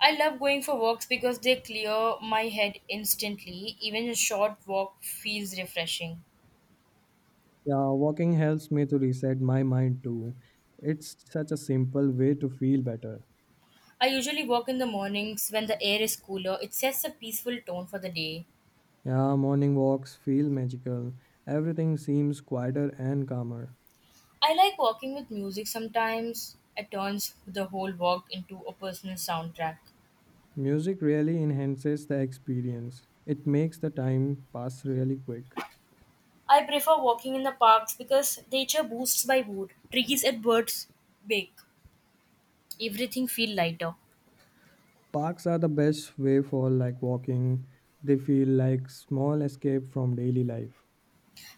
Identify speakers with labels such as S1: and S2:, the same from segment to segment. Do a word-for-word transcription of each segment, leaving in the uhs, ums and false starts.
S1: I love going for walks because they clear my head instantly. Even a short walk feels refreshing.
S2: Yeah, walking helps me to reset my mind too. It's such a simple way to feel better.
S1: I usually walk in the mornings when the air is cooler. It sets a peaceful tone for the day.
S2: Yeah, morning walks feel magical. Everything seems quieter and calmer.
S1: I like walking with music sometimes. It turns the whole walk into a personal soundtrack.
S2: Music really enhances the experience. It makes the time pass really quick.
S1: I prefer walking in the parks because nature boosts my mood. Trees and birds bake. Everything feel lighter.
S2: Parks are the best way for like walking. They feel like small escape from daily life.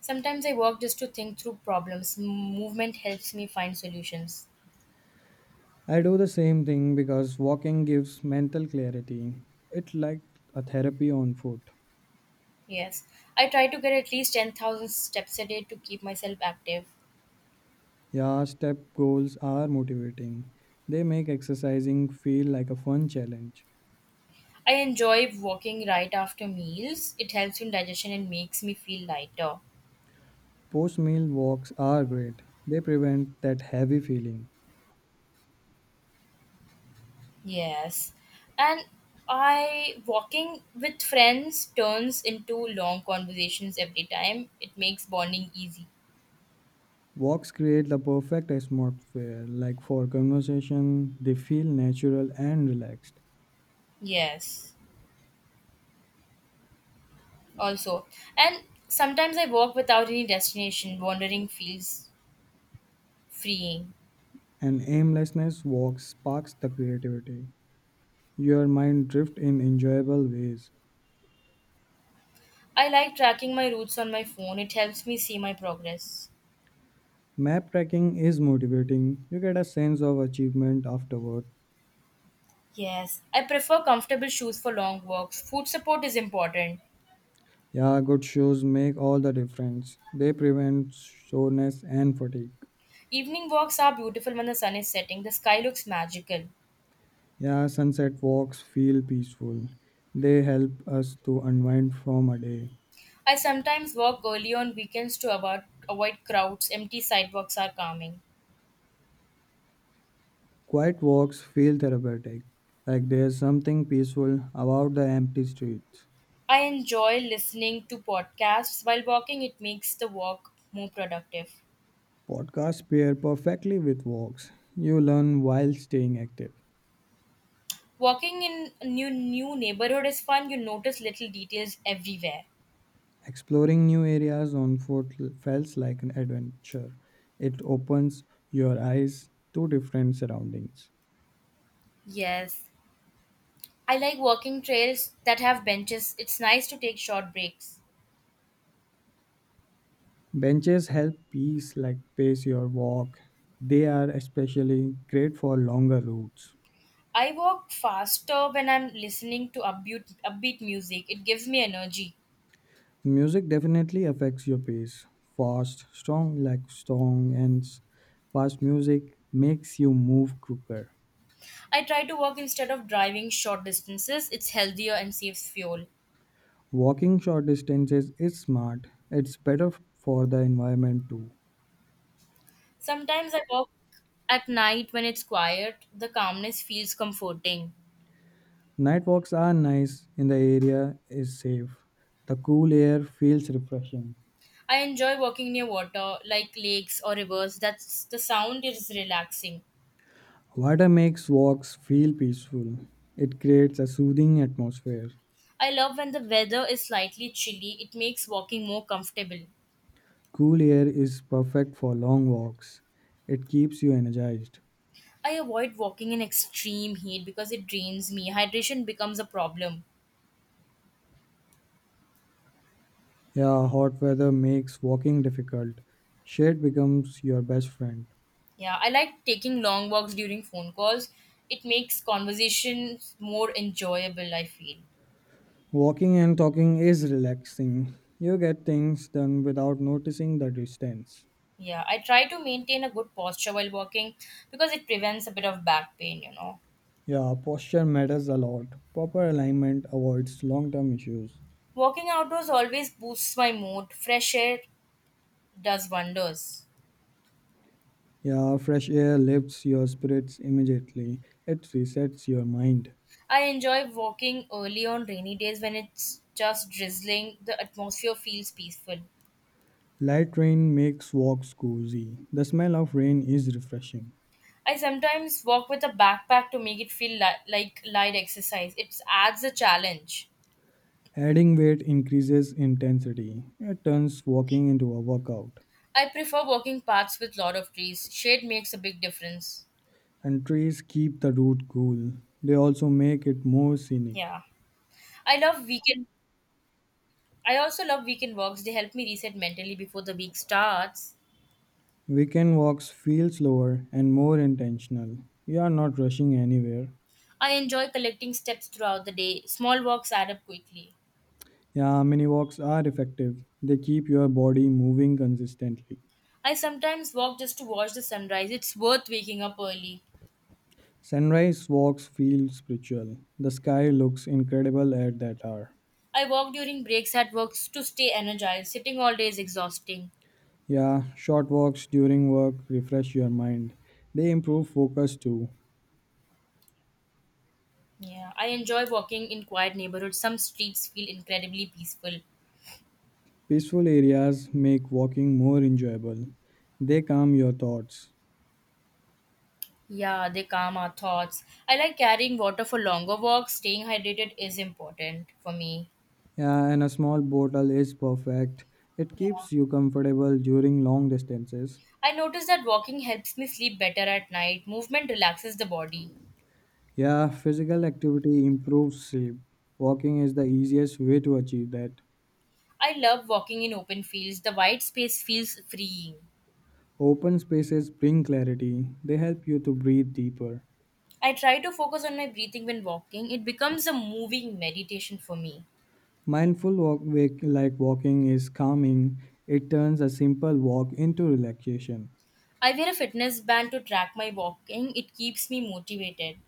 S1: Sometimes I walk just to think through problems. M- Movement helps me find solutions.
S2: I do the same thing because walking gives mental clarity. It's like a therapy on foot.
S1: Yes, I try to get at least ten thousand steps a day to keep myself active.
S2: Yeah, step goals are motivating. They make exercising feel like a fun challenge.
S1: I enjoy walking right after meals. It helps in digestion and makes me feel lighter.
S2: Post meal walks are great. They prevent that heavy feeling.
S1: Yes. And I walking with friends turns into long conversations every time. It makes bonding easy.
S2: Walks create the perfect atmosphere, like for conversation, they feel natural and relaxed.
S1: Yes. Also, and sometimes I walk without any destination. Wandering feels freeing.
S2: And aimlessness walks sparks the creativity. Your mind drifts in enjoyable ways.
S1: I like tracking my routes on my phone. It helps me see my progress.
S2: Map tracking is motivating. You get a sense of achievement afterward.
S1: Yes, I prefer comfortable shoes for long walks. Food support is important.
S2: Yeah, good shoes make all the difference. They prevent soreness and fatigue.
S1: Evening walks are beautiful when the sun is setting. The sky looks magical.
S2: Yeah, sunset walks feel peaceful. They help us to unwind from a day.
S1: I sometimes walk early on weekends to avoid, avoid crowds. Empty sidewalks are calming.
S2: Quiet walks feel therapeutic, like there's something peaceful about the empty streets.
S1: I enjoy listening to podcasts while walking. It makes the walk more productive.
S2: Podcasts pair perfectly with walks. You learn while staying active.
S1: Walking in a new new neighborhood is fun. You notice little details everywhere.
S2: Exploring new areas on foot feels like an adventure. It opens your eyes to different surroundings.
S1: Yes. I like walking trails that have benches. It's nice to take short breaks.
S2: Benches help peace like pace your walk. They are especially great for longer routes.
S1: I walk faster when I'm listening to upbeat, upbeat music. It gives me energy.
S2: Music definitely affects your pace. Fast, strong like strong and s- fast music makes you move quicker.
S1: I try to walk instead of driving short distances. It's healthier and saves fuel.
S2: Walking short distances is smart. It's better f- for the environment too.
S1: Sometimes I walk at night when it's quiet. The calmness feels comforting.
S2: Night walks are nice in the area is safe. The cool air feels refreshing.
S1: I enjoy walking near water, like lakes or rivers. That's the sound is relaxing.
S2: Water makes walks feel peaceful. It creates a soothing atmosphere.
S1: I love when the weather is slightly chilly. It makes walking more comfortable.
S2: Cool air is perfect for long walks. It keeps you energized.
S1: I avoid walking in extreme heat because it drains me. Hydration becomes a problem.
S2: Yeah, hot weather makes walking difficult. Shade becomes your best friend.
S1: Yeah, I like taking long walks during phone calls. It makes conversations more enjoyable, I feel.
S2: Walking and talking is relaxing. You get things done without noticing the distance.
S1: Yeah, I try to maintain a good posture while walking because it prevents a bit of back pain, you know.
S2: Yeah, posture matters a lot. Proper alignment avoids long term issues.
S1: Walking outdoors always boosts my mood. Fresh air does wonders.
S2: Yeah, fresh air lifts your spirits immediately. It resets your mind.
S1: I enjoy walking early on rainy days when it's just drizzling. The atmosphere feels peaceful.
S2: Light rain makes walks cozy. The smell of rain is refreshing.
S1: I sometimes walk with a backpack to make it feel li- like light exercise. It adds a challenge.
S2: Adding weight increases intensity. It turns walking into a workout.
S1: I prefer walking paths with lot of trees. Shade makes a big difference.
S2: And trees keep the route cool. They also make it more scenic.
S1: Yeah. I love weekend. I also love weekend walks. They help me reset mentally before the week starts.
S2: Weekend walks feel slower and more intentional. You are not rushing anywhere.
S1: I enjoy collecting steps throughout the day. Small walks add up quickly.
S2: Yeah, mini walks are effective. They keep your body moving consistently.
S1: I sometimes walk just to watch the sunrise. It's worth waking up early.
S2: Sunrise walks feel spiritual. The sky looks incredible at that hour.
S1: I walk during breaks at work to stay energized. Sitting all day is exhausting.
S2: Yeah, short walks during work refresh your mind. They improve focus too.
S1: Yeah, I enjoy walking in quiet neighborhoods. Some streets feel incredibly peaceful.
S2: Peaceful areas make walking more enjoyable. They calm your thoughts.
S1: Yeah, they calm our thoughts. I like carrying water for longer walks. Staying hydrated is important for me.
S2: Yeah, and a small bottle is perfect. It
S1: Yeah.
S2: keeps you comfortable during long distances.
S1: I notice that walking helps me sleep better at night. Movement relaxes the body.
S2: Yeah, physical activity improves sleep. Walking is the easiest way to achieve that.
S1: I love walking in open fields. The wide space feels freeing.
S2: Open spaces bring clarity. They help you to breathe deeper.
S1: I try to focus on my breathing when walking. It becomes a moving meditation for me.
S2: Mindful walk, wake, like walking, is calming. It turns a simple walk into relaxation.
S1: I wear a fitness band to track my walking. It keeps me motivated.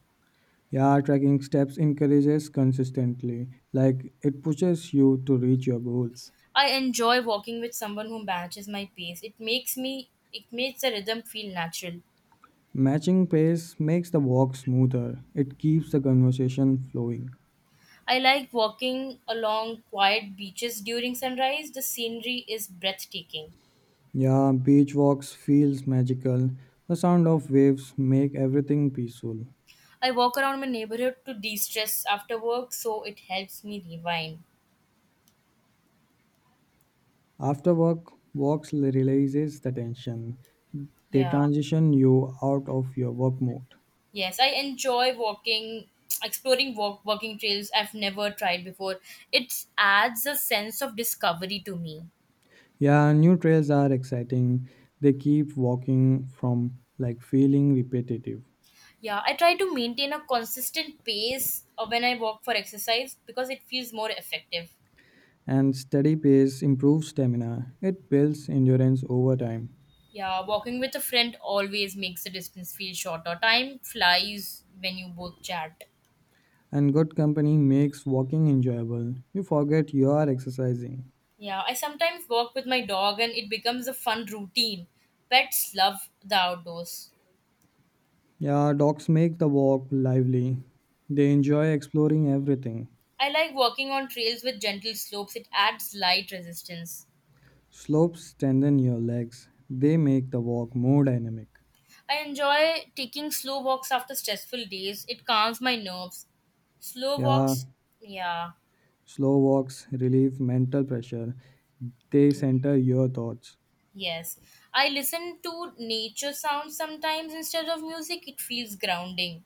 S2: Yeah, tracking steps encourages consistently, like it pushes you to reach your goals.
S1: I enjoy walking with someone who matches my pace. It makes me it makes the rhythm feel natural.
S2: Matching pace makes the walk smoother. It keeps the conversation flowing.
S1: I like walking along quiet beaches during sunrise. The scenery is breathtaking.
S2: Yeah, beach walks feels magical. The sound of waves make everything peaceful.
S1: I walk around my neighborhood to de stress after work, so it helps me rewind.
S2: After work, walks releases the tension. They
S1: Yeah.
S2: transition you out of your work mode.
S1: Yes, I enjoy walking, exploring walk, walking trails I've never tried before. It adds a sense of discovery to me.
S2: Yeah, new trails are exciting. They keep walking from like feeling repetitive.
S1: Yeah, I try to maintain a consistent pace uh, when I walk for exercise because it feels more effective.
S2: And steady pace improves stamina. It builds endurance over time.
S1: Yeah, walking with a friend always makes the distance feel shorter. Time flies when you both chat.
S2: And good company makes walking enjoyable. You forget you are exercising.
S1: Yeah, I sometimes walk with my dog and it becomes a fun routine. Pets love the outdoors.
S2: Yeah, dogs make the walk lively. They enjoy exploring everything.
S1: I like walking on trails with gentle slopes, it adds light resistance.
S2: Slopes strengthen your legs. They make the walk more dynamic.
S1: I enjoy taking slow walks after stressful days, it calms my nerves. Slow
S2: Yeah,
S1: walks, yeah,
S2: slow walks relieve mental pressure. They center your thoughts.
S1: yes. I listen to nature sounds sometimes instead of music, it feels grounding.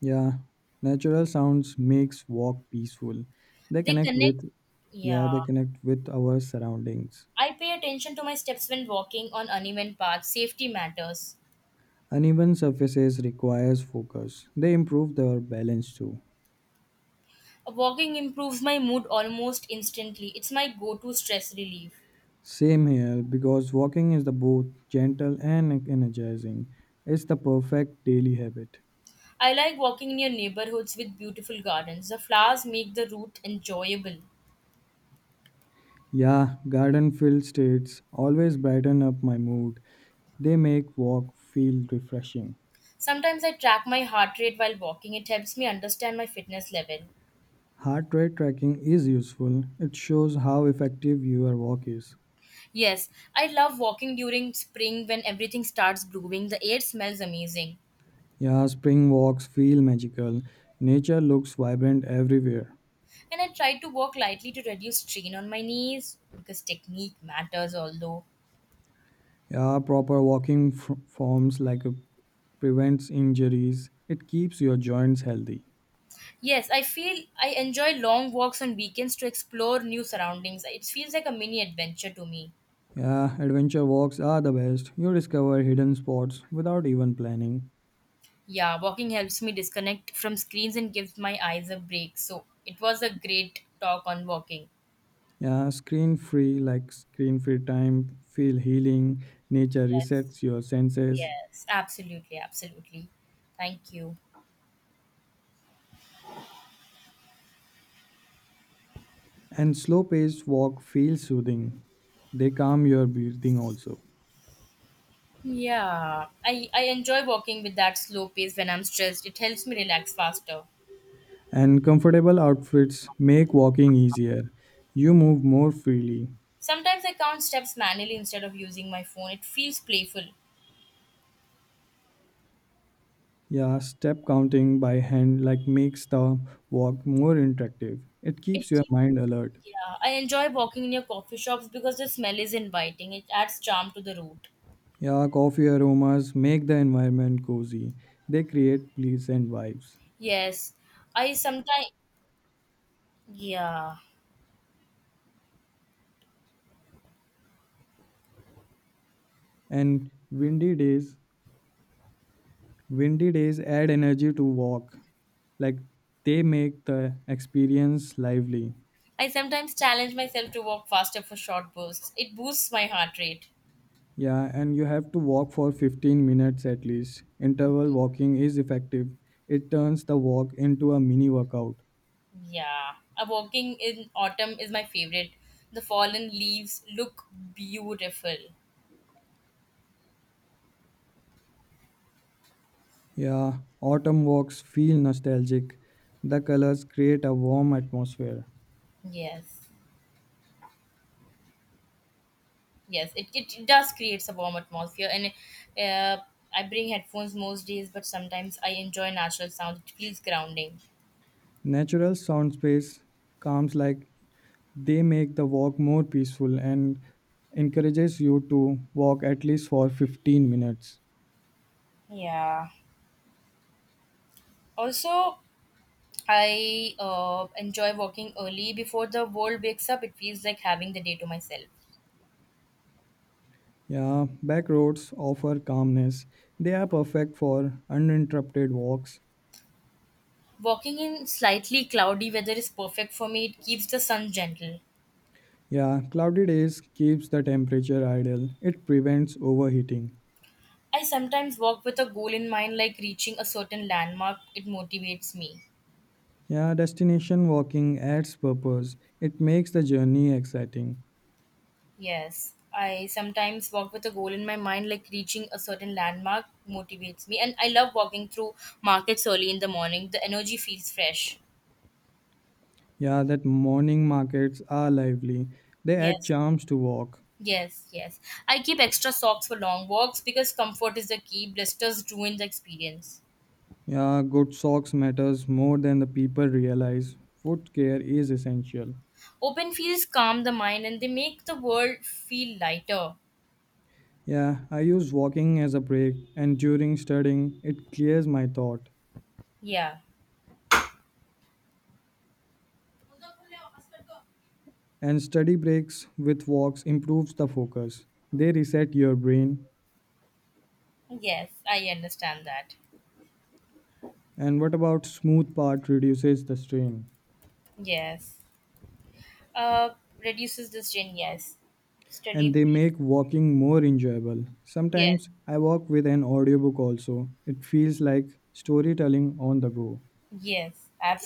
S2: Yeah, natural sounds makes walk peaceful. They
S1: They
S2: connect
S1: connect.
S2: with yeah,
S1: Yeah.
S2: they connect with our surroundings.
S1: I pay attention to my steps when walking on uneven paths. Safety matters.
S2: Uneven surfaces requires focus. They improve their balance too.
S1: Walking improves my mood almost instantly. It's my go to stress relief.
S2: Same here because walking is the both gentle and energizing. It's the perfect daily habit.
S1: I like walking near neighborhoods with beautiful gardens. The flowers make the route enjoyable.
S2: Yeah, garden filled states always brighten up my mood. They make walk feel refreshing.
S1: Sometimes I track my heart rate while walking. It helps me understand my fitness level.
S2: Heart rate tracking is useful. It shows how effective your walk is.
S1: Yes, I love walking during spring when everything starts blooming. The air smells amazing.
S2: Yeah, spring walks feel magical. Nature looks vibrant everywhere.
S1: And I try to walk lightly to reduce strain on my knees because technique matters, although
S2: Yeah, proper walking f- forms like uh, prevents injuries. It keeps your joints healthy.
S1: yes, I feel I enjoy long walks on weekends to explore new surroundings. It feels like a mini adventure to me.
S2: Yeah, adventure walks are the best. You discover hidden spots without even planning.
S1: Yeah, walking helps me disconnect from screens and gives my eyes a break, so it was a great talk on walking.
S2: Yeah, screen free like screen free time feel healing. Nature
S1: Yes,
S2: resets your senses
S1: yes, absolutely, absolutely. Thank you.
S2: and slow paced walk feel soothing. They calm your breathing also.
S1: Yeah, I I enjoy walking with that slow pace when I'm stressed. It helps me relax faster.
S2: And comfortable outfits make walking easier. You move more freely.
S1: Sometimes I count steps manually instead of using my phone. It feels playful.
S2: Yeah, step counting by hand like makes the walk more interactive. It
S1: It
S2: keeps your
S1: keeps,
S2: mind alert.
S1: yeah. I enjoy walking near coffee shops because the smell is inviting. It adds charm to the route.
S2: Yeah, coffee aromas make the environment cozy. They create pleasant vibes.
S1: Yes, I sometimes, yeah.
S2: And windy days, Windy days add energy to walk. Like they make the experience lively.
S1: I sometimes challenge myself to walk faster for short bursts. It boosts my heart rate.
S2: Yeah, and you have to walk for fifteen minutes at least. Interval walking is effective. It turns the walk into a mini workout.
S1: Yeah, a walking in autumn is my favorite. The fallen leaves look beautiful.
S2: Yeah, autumn walks feel nostalgic. The colors create a warm atmosphere.
S1: Yes. Yes, it, it does creates a warm atmosphere, and uh, I bring headphones most days, but sometimes I enjoy natural sound. It feels grounding.
S2: Natural sound space calms like they make the walk more peaceful and encourages you to walk at least for fifteen minutes.
S1: Yeah. Also, I uh, enjoy walking early before the world wakes up. It feels like having the day to myself.
S2: Yeah, back roads offer calmness. They are perfect for uninterrupted walks.
S1: Walking in slightly cloudy weather is perfect for me. It keeps the sun gentle.
S2: Yeah, cloudy days keeps the temperature ideal. It prevents overheating.
S1: I sometimes walk with a goal in mind, like reaching a certain landmark. It motivates me.
S2: Yeah, destination walking adds purpose. It makes the journey exciting.
S1: Yes, I sometimes walk with a goal in my mind, like reaching a certain landmark motivates me. And I love walking through markets early in the morning. The energy feels fresh.
S2: Yeah, that morning markets are lively. They add
S1: Yes,
S2: charms to walk.
S1: yes, yes. I keep extra socks for long walks because comfort is the key. Blisters ruin the experience.
S2: Yeah, good socks matters more than the people realize. Foot care is essential.
S1: Open fields calm the mind and they make the world feel lighter.
S2: Yeah, I use walking as a break and during studying it clears my thought.
S1: Yeah,
S2: And study breaks with walks improves the focus. They reset your brain.
S1: yes, I understand that.
S2: And what about smooth part reduces the strain
S1: Yes. Uh, Reduces the strain, yes. Study
S2: and they
S1: break,
S2: make walking more enjoyable.
S1: yes.
S2: Sometimes I walk with an audiobook also. It feels like storytelling on the go.
S1: Yes, absolutely.